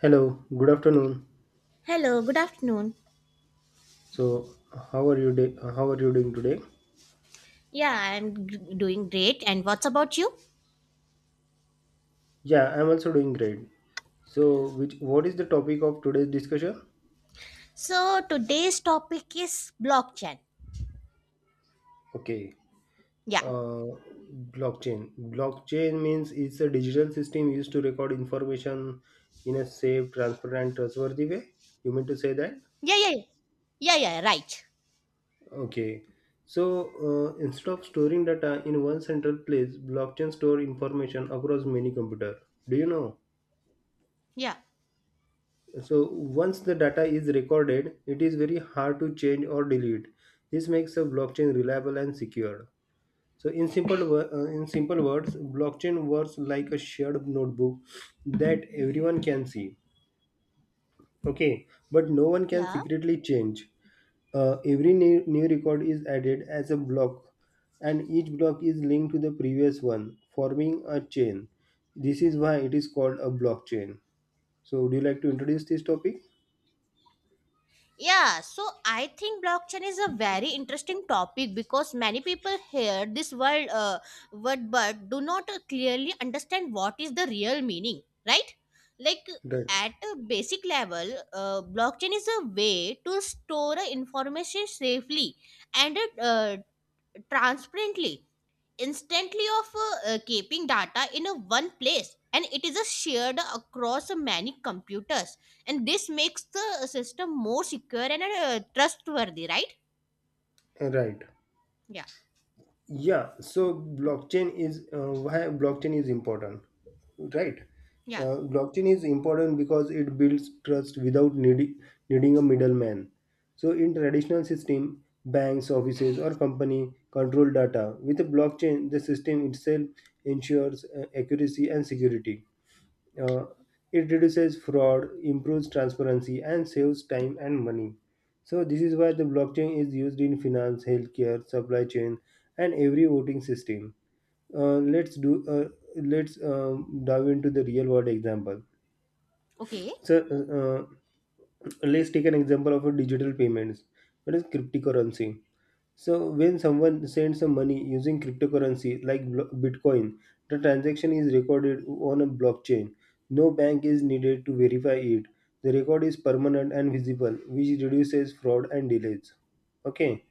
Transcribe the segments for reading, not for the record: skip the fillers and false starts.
Hello, good afternoon. Hello, good afternoon. So, how are you doing today? Yeah, doing great. And what's about you? Yeah, I'm also doing great. So, which what is the topic of today's discussion? So, today's topic is blockchain. Okay. Yeah. Uh, Blockchain. Blockchain means it's a digital system used to record information in a safe, transparent, trustworthy way. You mean to say that? Yeah, yeah, yeah, yeah, yeah, right. Okay. So, instead of storing data in one central place, blockchain store information across many computer. Do you know? Yeah, So once the data is recorded, it is very hard to change or delete. This makes a blockchain reliable and secure. So in simple words, blockchain works like a shared notebook that everyone can see. Okay, but no one can yeah. secretly change. Every new record is added as a block, and each block is linked to the previous one, forming a chain. This is why it is called a blockchain. So, would you like to introduce this topic? Yeah, so I think blockchain is a very interesting topic because many people hear this word but do not clearly understand what is the real meaning, right? Like Right. at a basic level, blockchain is a way to store information safely and transparently, instantly of keeping data in a one place, and it is a shared across many computers, and this makes the system more secure and trustworthy, right? Right, Yeah. yeah, so blockchain is why blockchain is important, right? Yeah. Blockchain is important because it builds trust without needing a middleman. So in traditional system, banks, offices, or company control data. With a blockchain, the system itself ensures accuracy and security. uh, it reduces fraud, improves transparency, and saves time and money. So, this is why the blockchain is used in finance, healthcare, supply chain, and every voting system. Let's do. Let's dive into the real world example. Okay. So, let's take an example of a digital payments. What is cryptocurrency? So when someone sends some money using cryptocurrency like Bitcoin, the transaction is recorded on a blockchain. No bank is needed to verify it. The record is permanent and visible, which reduces fraud and delays. Okay.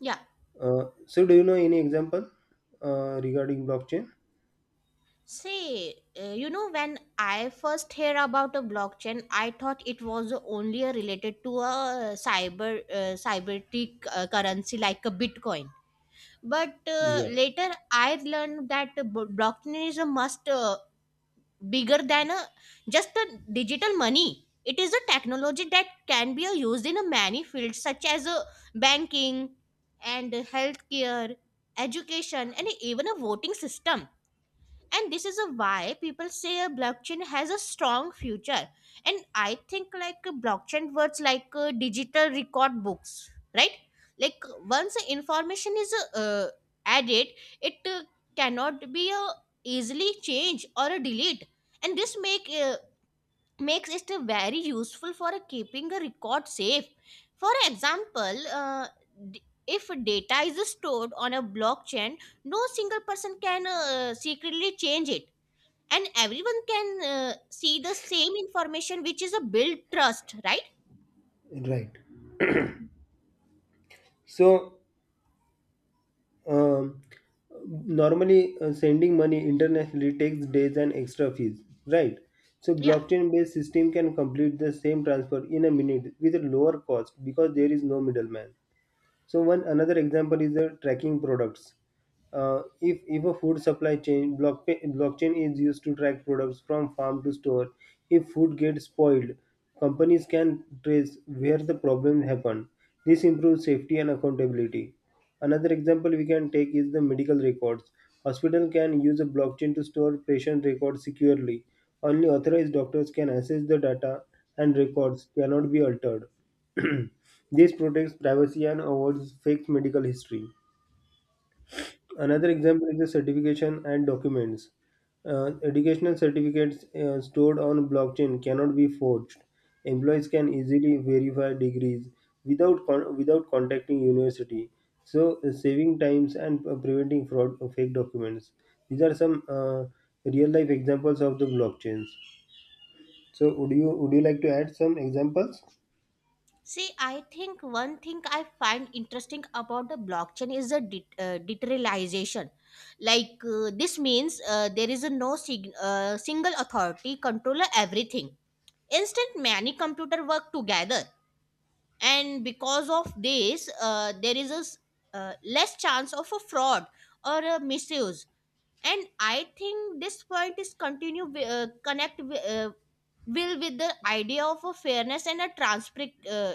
Yeah. So, do you know any example regarding blockchain? Say, you know, when I first hear about a blockchain, I thought it was only related to a cybernetic currency like a Bitcoin. But Yeah. later I learned that the blockchain is a must bigger than a just a digital money. It is a technology that can be used in a many fields, such as banking and healthcare, education, and even a voting system. And this is a why people say a blockchain has a strong future. And I think like a blockchain words like a digital record books, right? Like once the information is uh, added, it cannot be easily changed or delete. And this makes it very useful for keeping a record safe. For example, if data is stored on a blockchain, no single person can secretly change it, and everyone can see the same information, which is a build trust, right? Right. So, um, normally sending money internationally takes days and extra fees, right? So Yeah. blockchain based system can complete the same transfer in a minute with a lower cost, because there is no middleman. So one another example is the tracking products. If a food supply chain blockchain is used to track products from farm to store. If food gets spoiled, companies can trace where the problem happened. This improves safety and accountability. Another example we can take is the medical records. Hospital can use a blockchain to store patient records securely. Only authorized doctors can access the data and records cannot be altered. This protects privacy and avoids fake medical history. Another example is the certification and documents. Educational certificates stored on blockchain cannot be forged. Employees can easily verify degrees without contacting university. So saving times and preventing fraud of fake documents. These are some real life examples of the blockchains. So would you like to add some examples? See, I think one thing I find interesting about the blockchain is the decentralization. Like, this means there is a no single authority controller everything. Instead, many computer work together, and because of this there is a less chance of a fraud or a misuse. And I think this point is continue wi- connect wi- will with the idea of a fairness and a transparent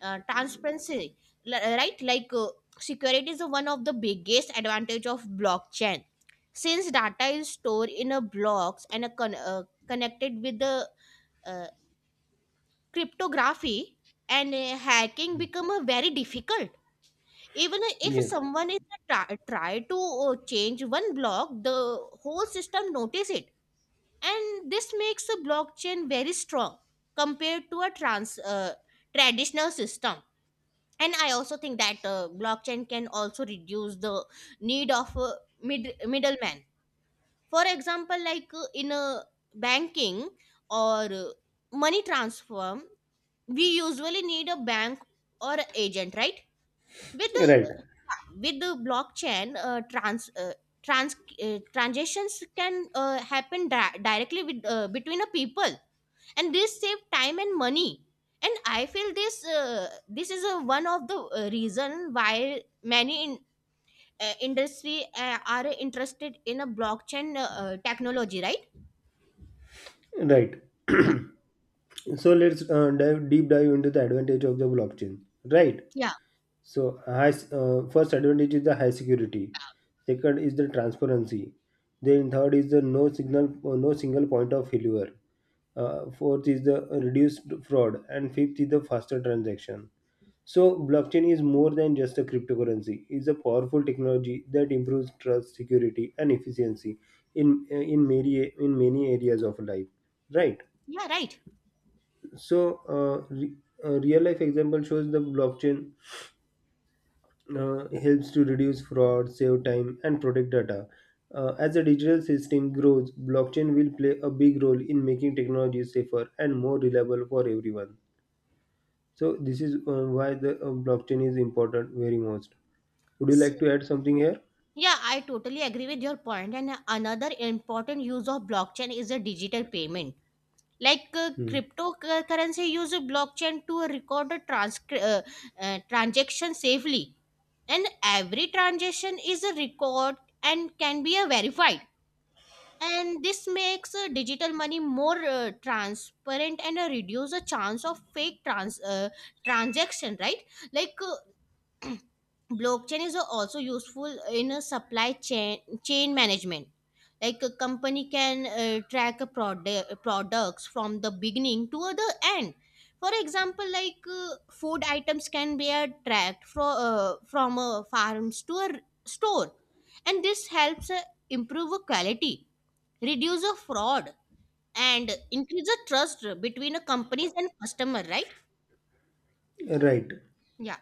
transparency. Right. Like, security is one of the biggest advantage of blockchain, since data is stored in a blocks and a connected with the uh, cryptography, and hacking become a very difficult. Even if Yes. someone is try to change one block, the whole system notice it, and this makes a blockchain very strong compared to a trans traditional system. And I also think that blockchain can also reduce the need of a middleman. For example, like, in a banking or money transfer, we usually need a bank or agent, right? with the Right. with the blockchain, trans transactions can happen directly with between a people, and this save time and money. And I feel this is a, one of the reason why many industry are interested in a blockchain technology, right? Right. Yeah. So let's dive deep dive into the advantage of the blockchain. Right. Yeah. So, first advantage is the high security. Second is the transparency. Then third is the no single point of failure. Fourth is the reduced fraud, and fifth is the faster transaction. So, blockchain is more than just a cryptocurrency. It's a powerful technology that improves trust, security, and efficiency in uh, in many in many areas of life. Right. Yeah. Right. So, real life example shows the blockchain helps to reduce fraud, save time, and protect data. As the digital system grows, blockchain will play a big role in making technology safer and more reliable for everyone. So, this is why the blockchain is important very most. Would you S- like to add something here? yeah, I totally agree with your point. And another important use of blockchain is a digital payment. Like, Hmm. cryptocurrency use blockchain to record the transaction safely, and every transaction is a record and can be verified. And this makes digital money more transparent and reduce the chance of fake transaction, right? Like, uh, blockchain is also useful in a supply chain management. Like, a company can track a products from the beginning to the end. For example, like, food items can be tracked from farms to a store, and this helps improve quality, reduce a fraud, and increase the trust between a companies and customer, right? Right. Yeah.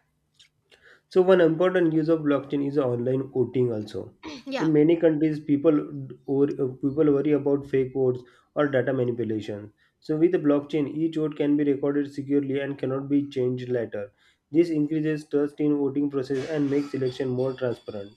So one important use of blockchain is online voting also. Yeah. In many countries, people d- or people worry about fake votes or data manipulation. So with the blockchain, each vote can be recorded securely and cannot be changed later. This increases trust in voting process and makes election more transparent.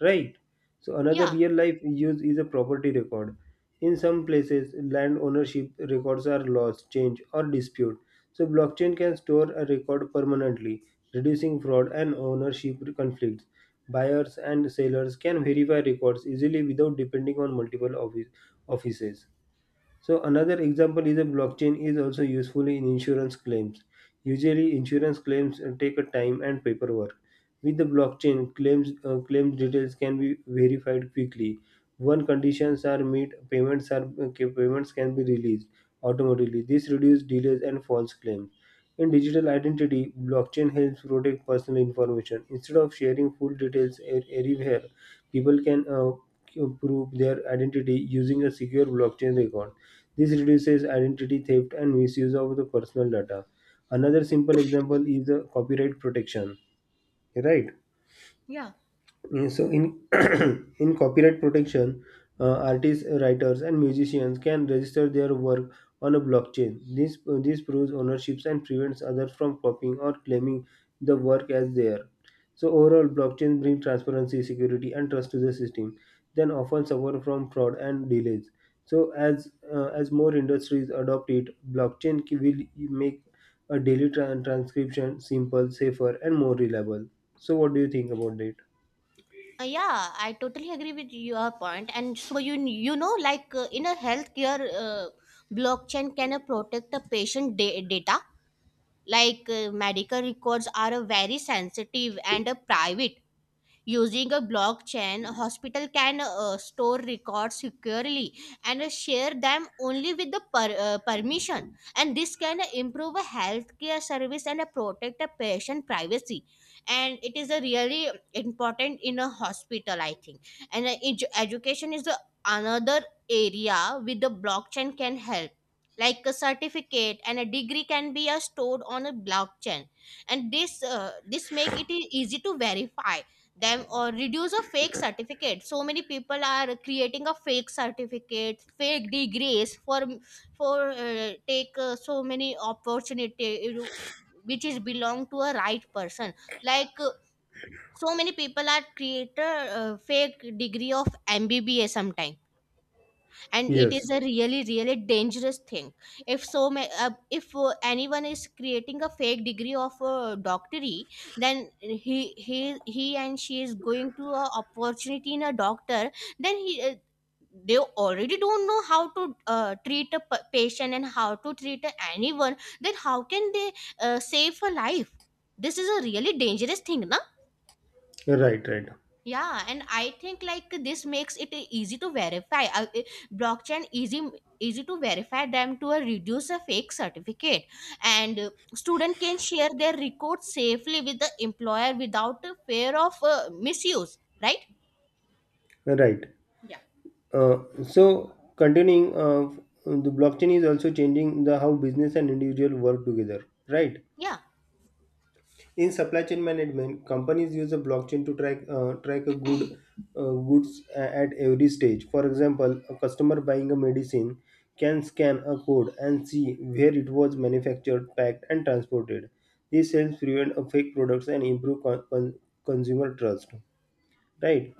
Right. So another Yeah. real life use is a property record. In some places, land ownership records are lost, changed, or disputed. So, blockchain can store a record permanently, reducing fraud and ownership conflicts. Buyers and sellers can verify records easily without depending on multiple offices. So another example is a blockchain is also useful in insurance claims. Usually insurance claims take a time and paperwork. With the blockchain, claims details can be verified quickly. When conditions are met, payments can be released automatically. This reduces delays and false claims. In digital identity, blockchain helps protect personal information. Instead of sharing full details everywhere, people can prove their identity using a secure blockchain record. This reduces identity theft and misuse of the personal data. Another simple example is the copyright protection, right? Yeah. Yeah. So in in copyright protection, artists, writers, and musicians can register their work on a blockchain. This proves ownerships and prevents others from copying or claiming the work as their. So overall, blockchain brings transparency, security, and trust to the system. Then often suffer from fraud and delays. So as more industries adopt it, blockchain will make a daily transcription simple, safer, and more reliable. So what do you think about it? Yeah, I totally agree with your point. And so you know, like, in a healthcare, uh, blockchain can protect the patient data. Like, medical records are very sensitive and private. Using a blockchain, a hospital can store records securely, and share them only with the permission. And this can improve a healthcare service and protect a patient privacy. And it is a really important in a hospital, I think. And education is the another area with the blockchain can help. Like, a certificate and a degree can be stored on a blockchain, and this make it easy to verify them or reduce a fake certificate. So many people are creating a fake certificate, fake degrees for take so many opportunity, which is belong to a right person. Like, so many people are creator fake degree of mbba sometime, and it Yes, is a really really dangerous thing. If so ma- uh, if anyone is creating a fake degree of a doctorate, then he he and she is going to a opportunity in a doctor, then he they already don't know how to treat a patient and how to treat a anyone, then how can they save a life? This is a really dangerous thing, na? right, right, Yeah, and I think like this makes it easy to verify. Blockchain easy to verify them to reduce a fake certificate, and student can share their records safely with the employer without a fear of misuse. Right? right. Yeah. Uh, so, continuing, the blockchain is also changing the how business and individual work together. Right. Yeah, In supply chain management, companies use a blockchain to track track a good goods at every stage. For example, a customer buying a medicine can scan a code and see where it was manufactured, packed, and transported. This helps prevent a fake products and improve consumer trust. Right.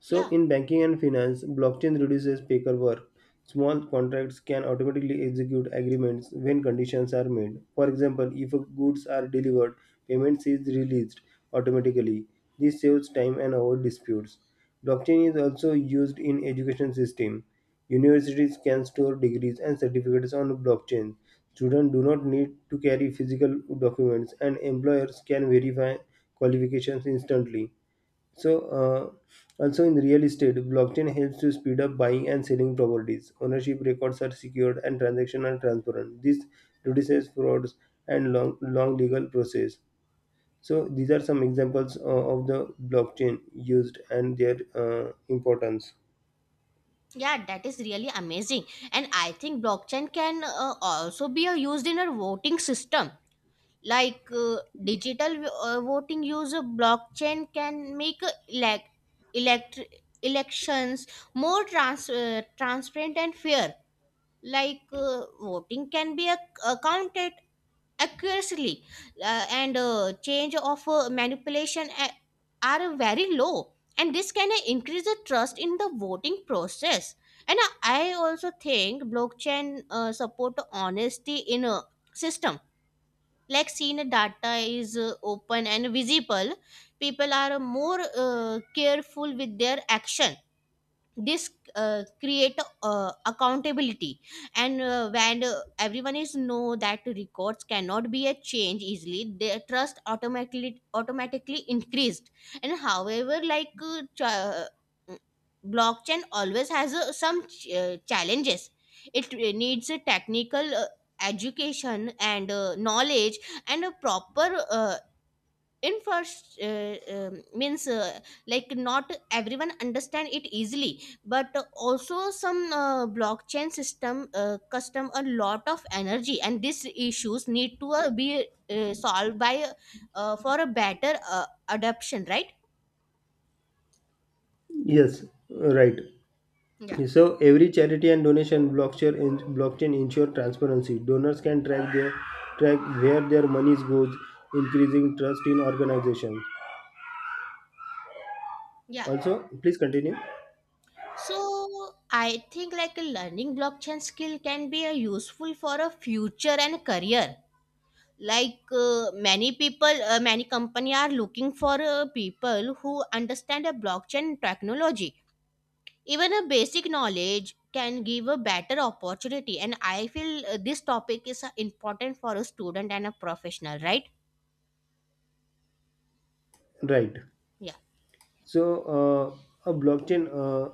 So, yeah, in banking and finance, blockchain reduces paperwork. Small contracts can automatically execute agreements when conditions are met. For example, if goods are delivered, payments is released automatically. This saves time and avoids disputes. Blockchain is also used in education system. Universities can store degrees and certificates on blockchain. Students do not need to carry physical documents and employers can verify qualifications instantly. So, also in real estate, blockchain helps to speed up buying and selling properties. Ownership records are secured and transactions are transparent. This reduces frauds and long, long legal process. So, these are some examples of the blockchain used and their importance. yeah. That is really amazing, and I think blockchain can also be used in a voting system. Like, digital voting use of blockchain can make elect elections more transparent and fair. Like, voting can be accounted accurately, and change of manipulation are very low, and this can increase the trust in the voting process. And I also think blockchain support honesty in a system. Like, seen data is open and visible, people are more careful with their action. This create accountability, and when everyone is know that records cannot be a change easily, their trust automatically increased. And however, like, blockchain always has some challenges. It needs a technical education and knowledge, and a proper means like not everyone understand it easily. But also some blockchain system custom a lot of energy, and these issues need to be solved by for a better adoption, right? Yes, right. Yeah. So every charity and donation blockchain ensure transparency. Donors can track where their money goes, increasing trust in organization. Yeah. Also, please continue. So I think like learning blockchain skill can be a useful for a future and career. Like, many people many company are looking for people who understand a blockchain technology. Even a basic knowledge can give a better opportunity, and I feel this topic is important for a student and a professional, right? Right. Yeah. So a blockchain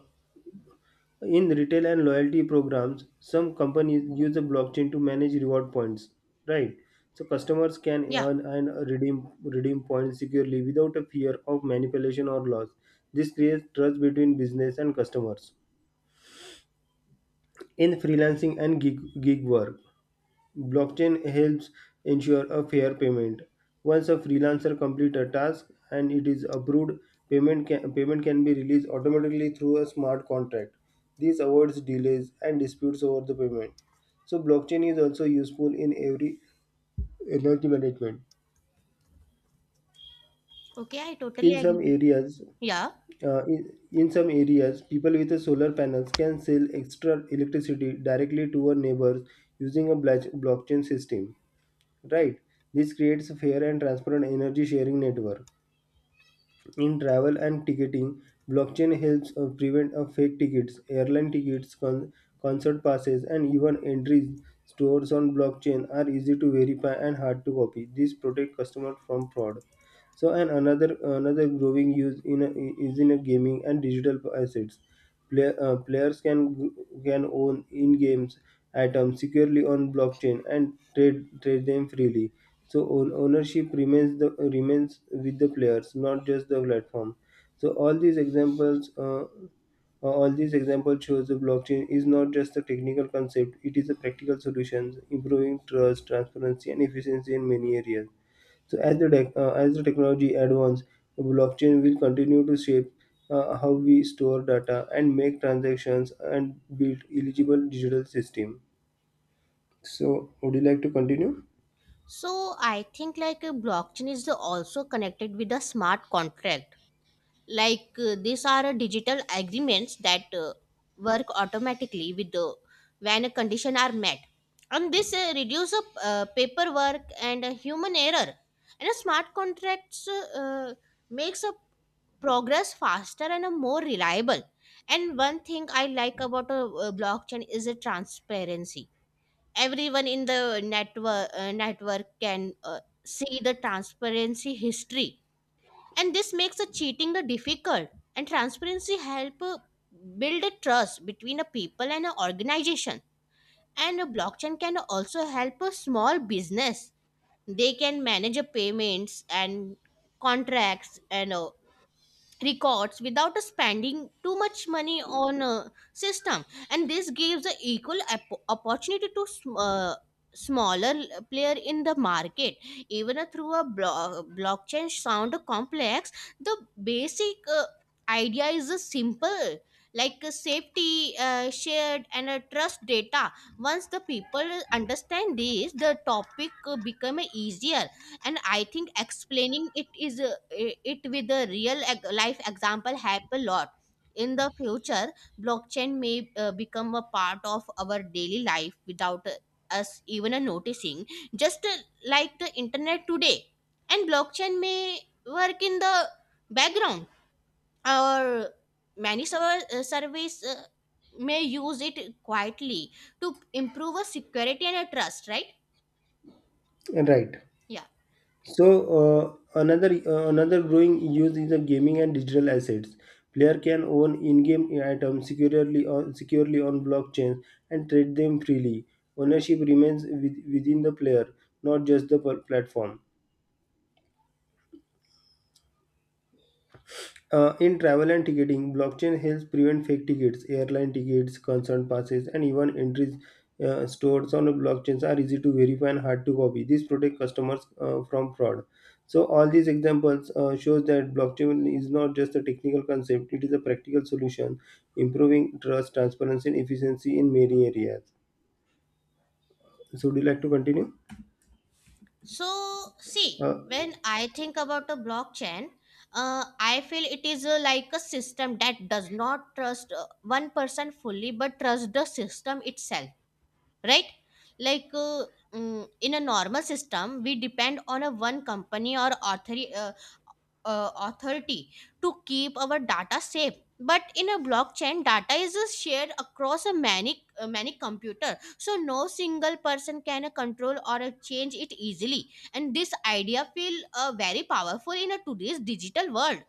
in retail and loyalty programs, some companies use the blockchain to manage reward points, right? So customers can Yeah. earn and redeem points securely without a fear of manipulation or loss. This creates trust between business and customers. In freelancing and gig work, blockchain helps ensure a fair payment. Once a freelancer completes a task and it is approved, payment can be released automatically through a smart contract. This avoids delays and disputes over the payment. So blockchain is also useful in every energy management. Okay, I totally In some agree. areas, Yeah. People with a solar panels can sell extra electricity directly to our neighbors using a blockchain system. Right. This creates a fair and transparent energy sharing network. In travel and ticketing, blockchain helps prevent fake tickets, airline tickets, concert passes, and even entries. Stores on blockchain are easy to verify and hard to copy. This protect customers from fraud. So, and another growing use is in a gaming and digital assets. Players can own in games items securely on blockchain and trade them freely. So ownership remains with the players, not just the platform. So all these examples shows the blockchain is not just a technical concept. It is a practical solution improving trust, transparency, and efficiency in many areas. So as the technology advances, blockchain will continue to shape how we store data and make transactions and build eligible digital system. So, would you like to continue? So I think like, blockchain is also connected with a smart contract. Like, these are digital agreements that work automatically with the when a condition are met. And this reduce paperwork and human error. And a smart contracts makes a progress faster and more reliable. And one thing I like about a, blockchain is a transparency. Everyone in the network can see the transparency history, and this makes the cheating the difficult. And transparency help build a trust between a people and an organization. And a blockchain can also help a small business. They can manage a payments and contracts and records without spending too much money on a system, and this gives a equal opportunity to smaller player in the market. Even a through a blockchain sound complex, the basic idea is a simple, like a safety shared and a trust data. Once the people understand this, the topic become easier. And I think explaining it with a real life example help a lot. In the future, blockchain may become a part of our daily life without us even noticing, just like the internet today. And blockchain may work in the background, or many server surveys may use it quietly to improve a security and a trust, right? Right. Yeah. So uh, another growing use is the gaming and digital assets. Player can own in-game items securely on blockchain and trade them freely. Ownership remains within the player, not just the platform. In travel and ticketing, blockchain helps prevent fake tickets, airline tickets, concert passes, and even entries stored on the blockchains are easy to verify and hard to copy. This protects customers from fraud. So all these examples shows that blockchain is not just a technical concept; it is a practical solution, improving trust, transparency, and efficiency in many areas. So, would you like to continue? So, see, Uh, when I think about a blockchain, I feel it is like a system that does not trust one person fully but trust the system itself, right? Like uh, in a normal system, we depend on a one company or authority authority to keep our data safe, but in a blockchain data is shared across a many many computer, so no single person can control or change it easily. And this idea feel very powerful in a today's digital world.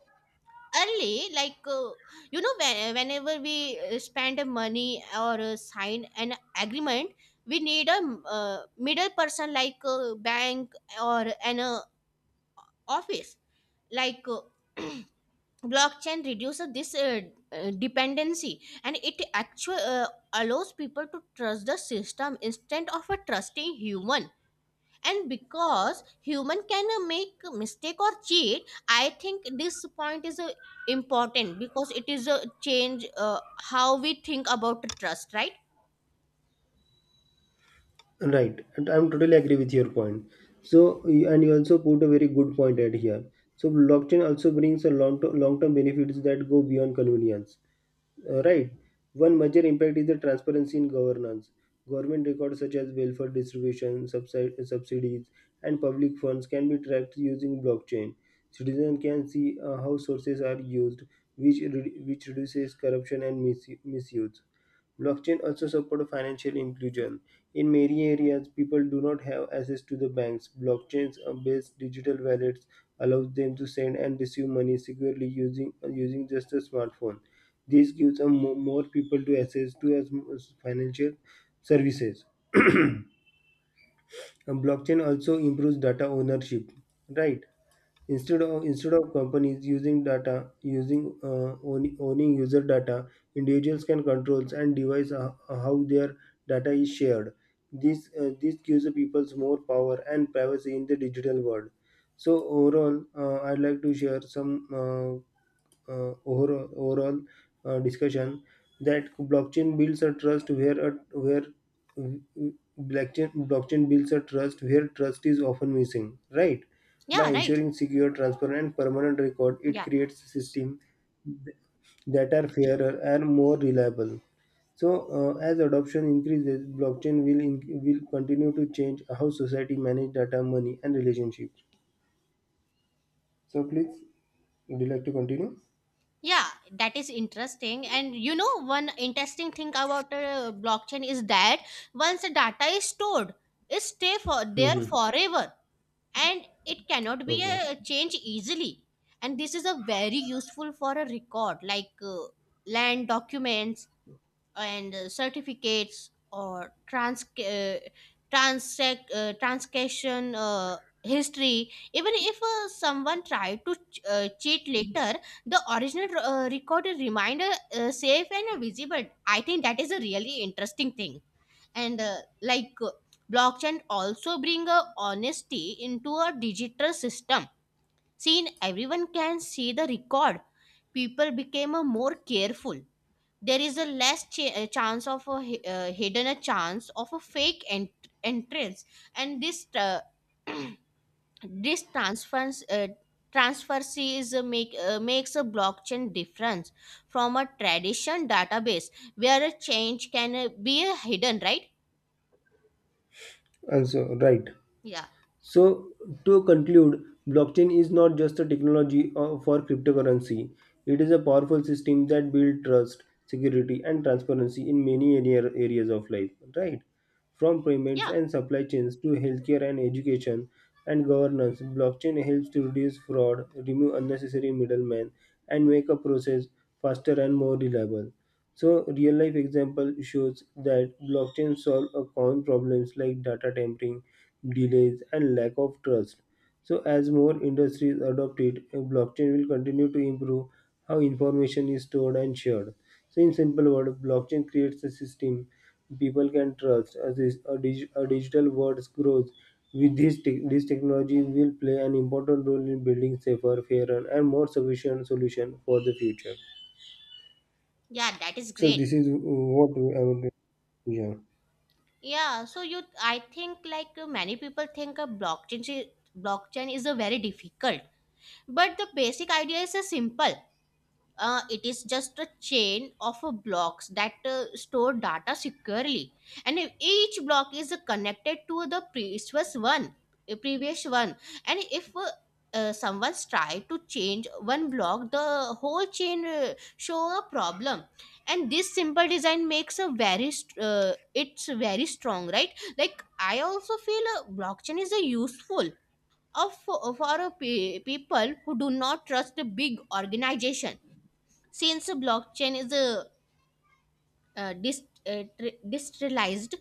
Early you know, whenever we spend money or sign an agreement, we need a middle person like a bank or an office. like uh, Blockchain reduces this dependency, and it actually allows people to trust the system instead of a trusting human. And because human can make a mistake or cheat, I think this point is important, because it is a change how we think about trust, right? Right, and I'm totally agree with your point. So, and you also put a very good point at here. So, blockchain also brings a long term benefits that go beyond convenience. Right, one major impact is the transparency in governance. Government records such as welfare distribution, subsidies, and public funds can be tracked using blockchain. Citizens can see how sources are used, which reduces corruption and misuse. Blockchain also support financial inclusion. In many areas, people do not have access to the banks. Blockchains-based digital wallets allows them to send and receive money securely using just a smartphone. This gives a more people to access to as financial services. And blockchain also improves data ownership, right? Instead of companies using data using own- owning user data, individuals can controls and devise how their data is shared. This gives the people's more power and privacy in the digital world. So overall, I'd like to share some uh, overall discussion that blockchain builds a trust where a, where mm, mm, blockchain blockchain builds a trust where trust is often missing, right? By Yeah, right. ensuring secure, transparent, and permanent record, it Yeah. creates a system that are fairer and more reliable. So as adoption increases, blockchain will continue to change how society manage data, money, and relationships. So, please, would you like to continue? Yeah, that is interesting. And you know, one interesting thing about blockchain is that once the data is stored, it stay for there Hmm. forever, and it cannot be Okay. Changed easily. And this is a very useful for a record like land documents and certificates or transaction history. Even if someone tried to cheat later, the original recorded reminder safe and visible. I think that is a really interesting thing. And like Blockchain also bring a honesty into a digital system. Seen everyone can see the record, people became more careful. There is a less chance of a hidden a chance of a fake entrance. And this This transference transfers is a makes a blockchain difference from a tradition database, where a change can be hidden, right? Also right. Yeah. So, to conclude, blockchain is not just a technology for cryptocurrency. It is a powerful system that builds trust, security, and transparency in many areas of life, right? From payments Yeah, and supply chains to healthcare and education and governance, blockchain helps to reduce fraud, remove unnecessary middlemen, and make a process faster and more reliable. So real life example shows that blockchain solve a common problems like data tampering, delays and lack of trust. So as more industries adopt it, blockchain will continue to improve how information is stored and shared. So in simple words, blockchain creates a system people can trust. As this a, dig, a digital world grows with this technology, will play an important role in building safer, fairer and more sufficient solution for the future. yeah, that is So great. this is what I would. Yeah. Yeah, so you, I think like many people think a blockchain is a very difficult, but the basic idea is a simple. It is just a chain of blocks that store data securely, and if each block is connected to the previous one. And if Someone's tried to change one block, the whole chain show a problem. And this simple design makes a it's very strong, right? Like I also feel blockchain is a useful of for people who do not trust a big organization. Since blockchain is a decentralized,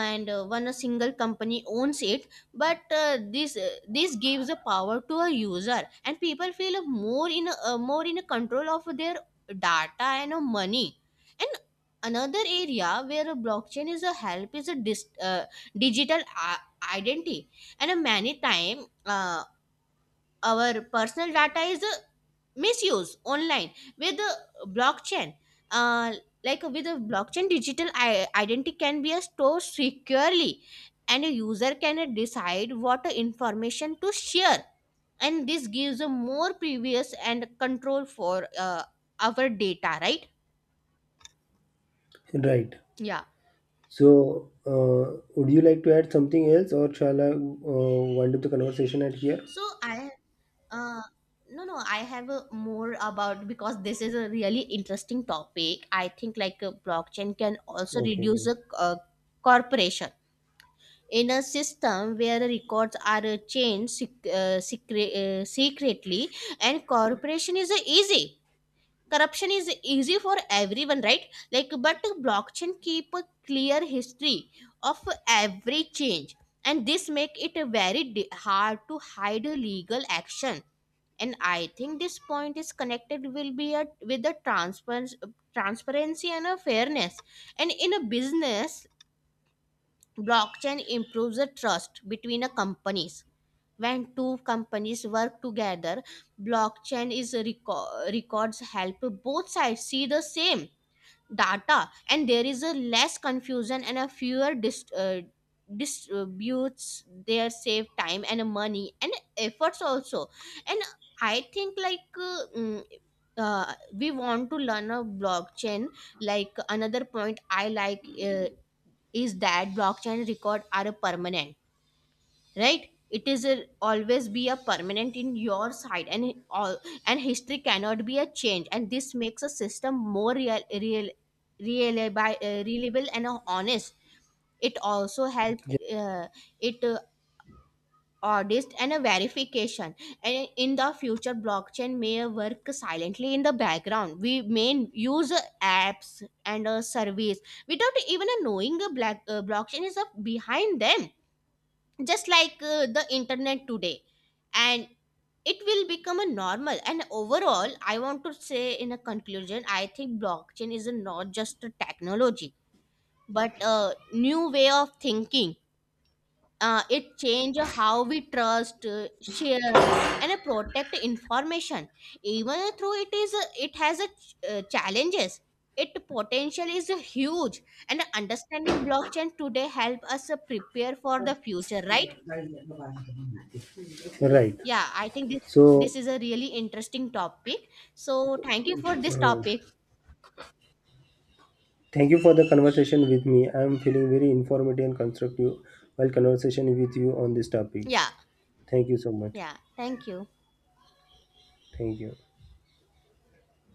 and one a single company owns it. But this gives the power to a user, and people feel more in a control of their data and money. And another area where a blockchain is a help is a digital identity. And many time our personal data is misuse online. With the blockchain, uh, like with the blockchain digital identity can be stored securely, and a user can decide what information to share. And this gives a more previous and control for our data, right? Right. Yeah. So, would you like to add something else, or shall I wind up the conversation at here? So I, uh, no, no, I have a more about, because this is a really interesting topic. I think like a blockchain can also Okay. reduce a Okay. uh, corporation in a system where the records are changed secretly, and corporation is easy, corruption is easy for everyone, right? Like, but blockchain keep a clear history of every change, and this make it hard to hide legal action. And I think this point is connected will with the transparency and a fairness. And in a business, blockchain improves the trust between a companies. When two companies work together, records help both sides see the same data, and there is a less confusion and a distributes their save time and money and efforts also. And I think like we want to learn a blockchain. Like another point I like is that blockchain record are a permanent, right? It is a, always be a permanent in your side, and it all, and history cannot be a change. And this makes a system more real real reliable, reliable and honest. It also helped it audit and a verification. And in the future, blockchain may work silently in the background. We may use apps and a service without even knowing a black blockchain is behind them, just like the internet today. And it will become a normal. And overall, I want to say in a conclusion, I think blockchain is a not just a technology, but a new way of thinking. It changes how we trust, share, and protect information. Even though it is a, it has a challenges, it potential is huge. And understanding blockchain today help us prepare for the future, right? Yeah. Right. Yeah, I think this So, is a really interesting topic. So thank you for this uh, topic. thank you for the conversation with me. I am feeling very informative and constructive while conversation with you on this topic. Yeah, Thank you so much. yeah. Thank you. Thank you.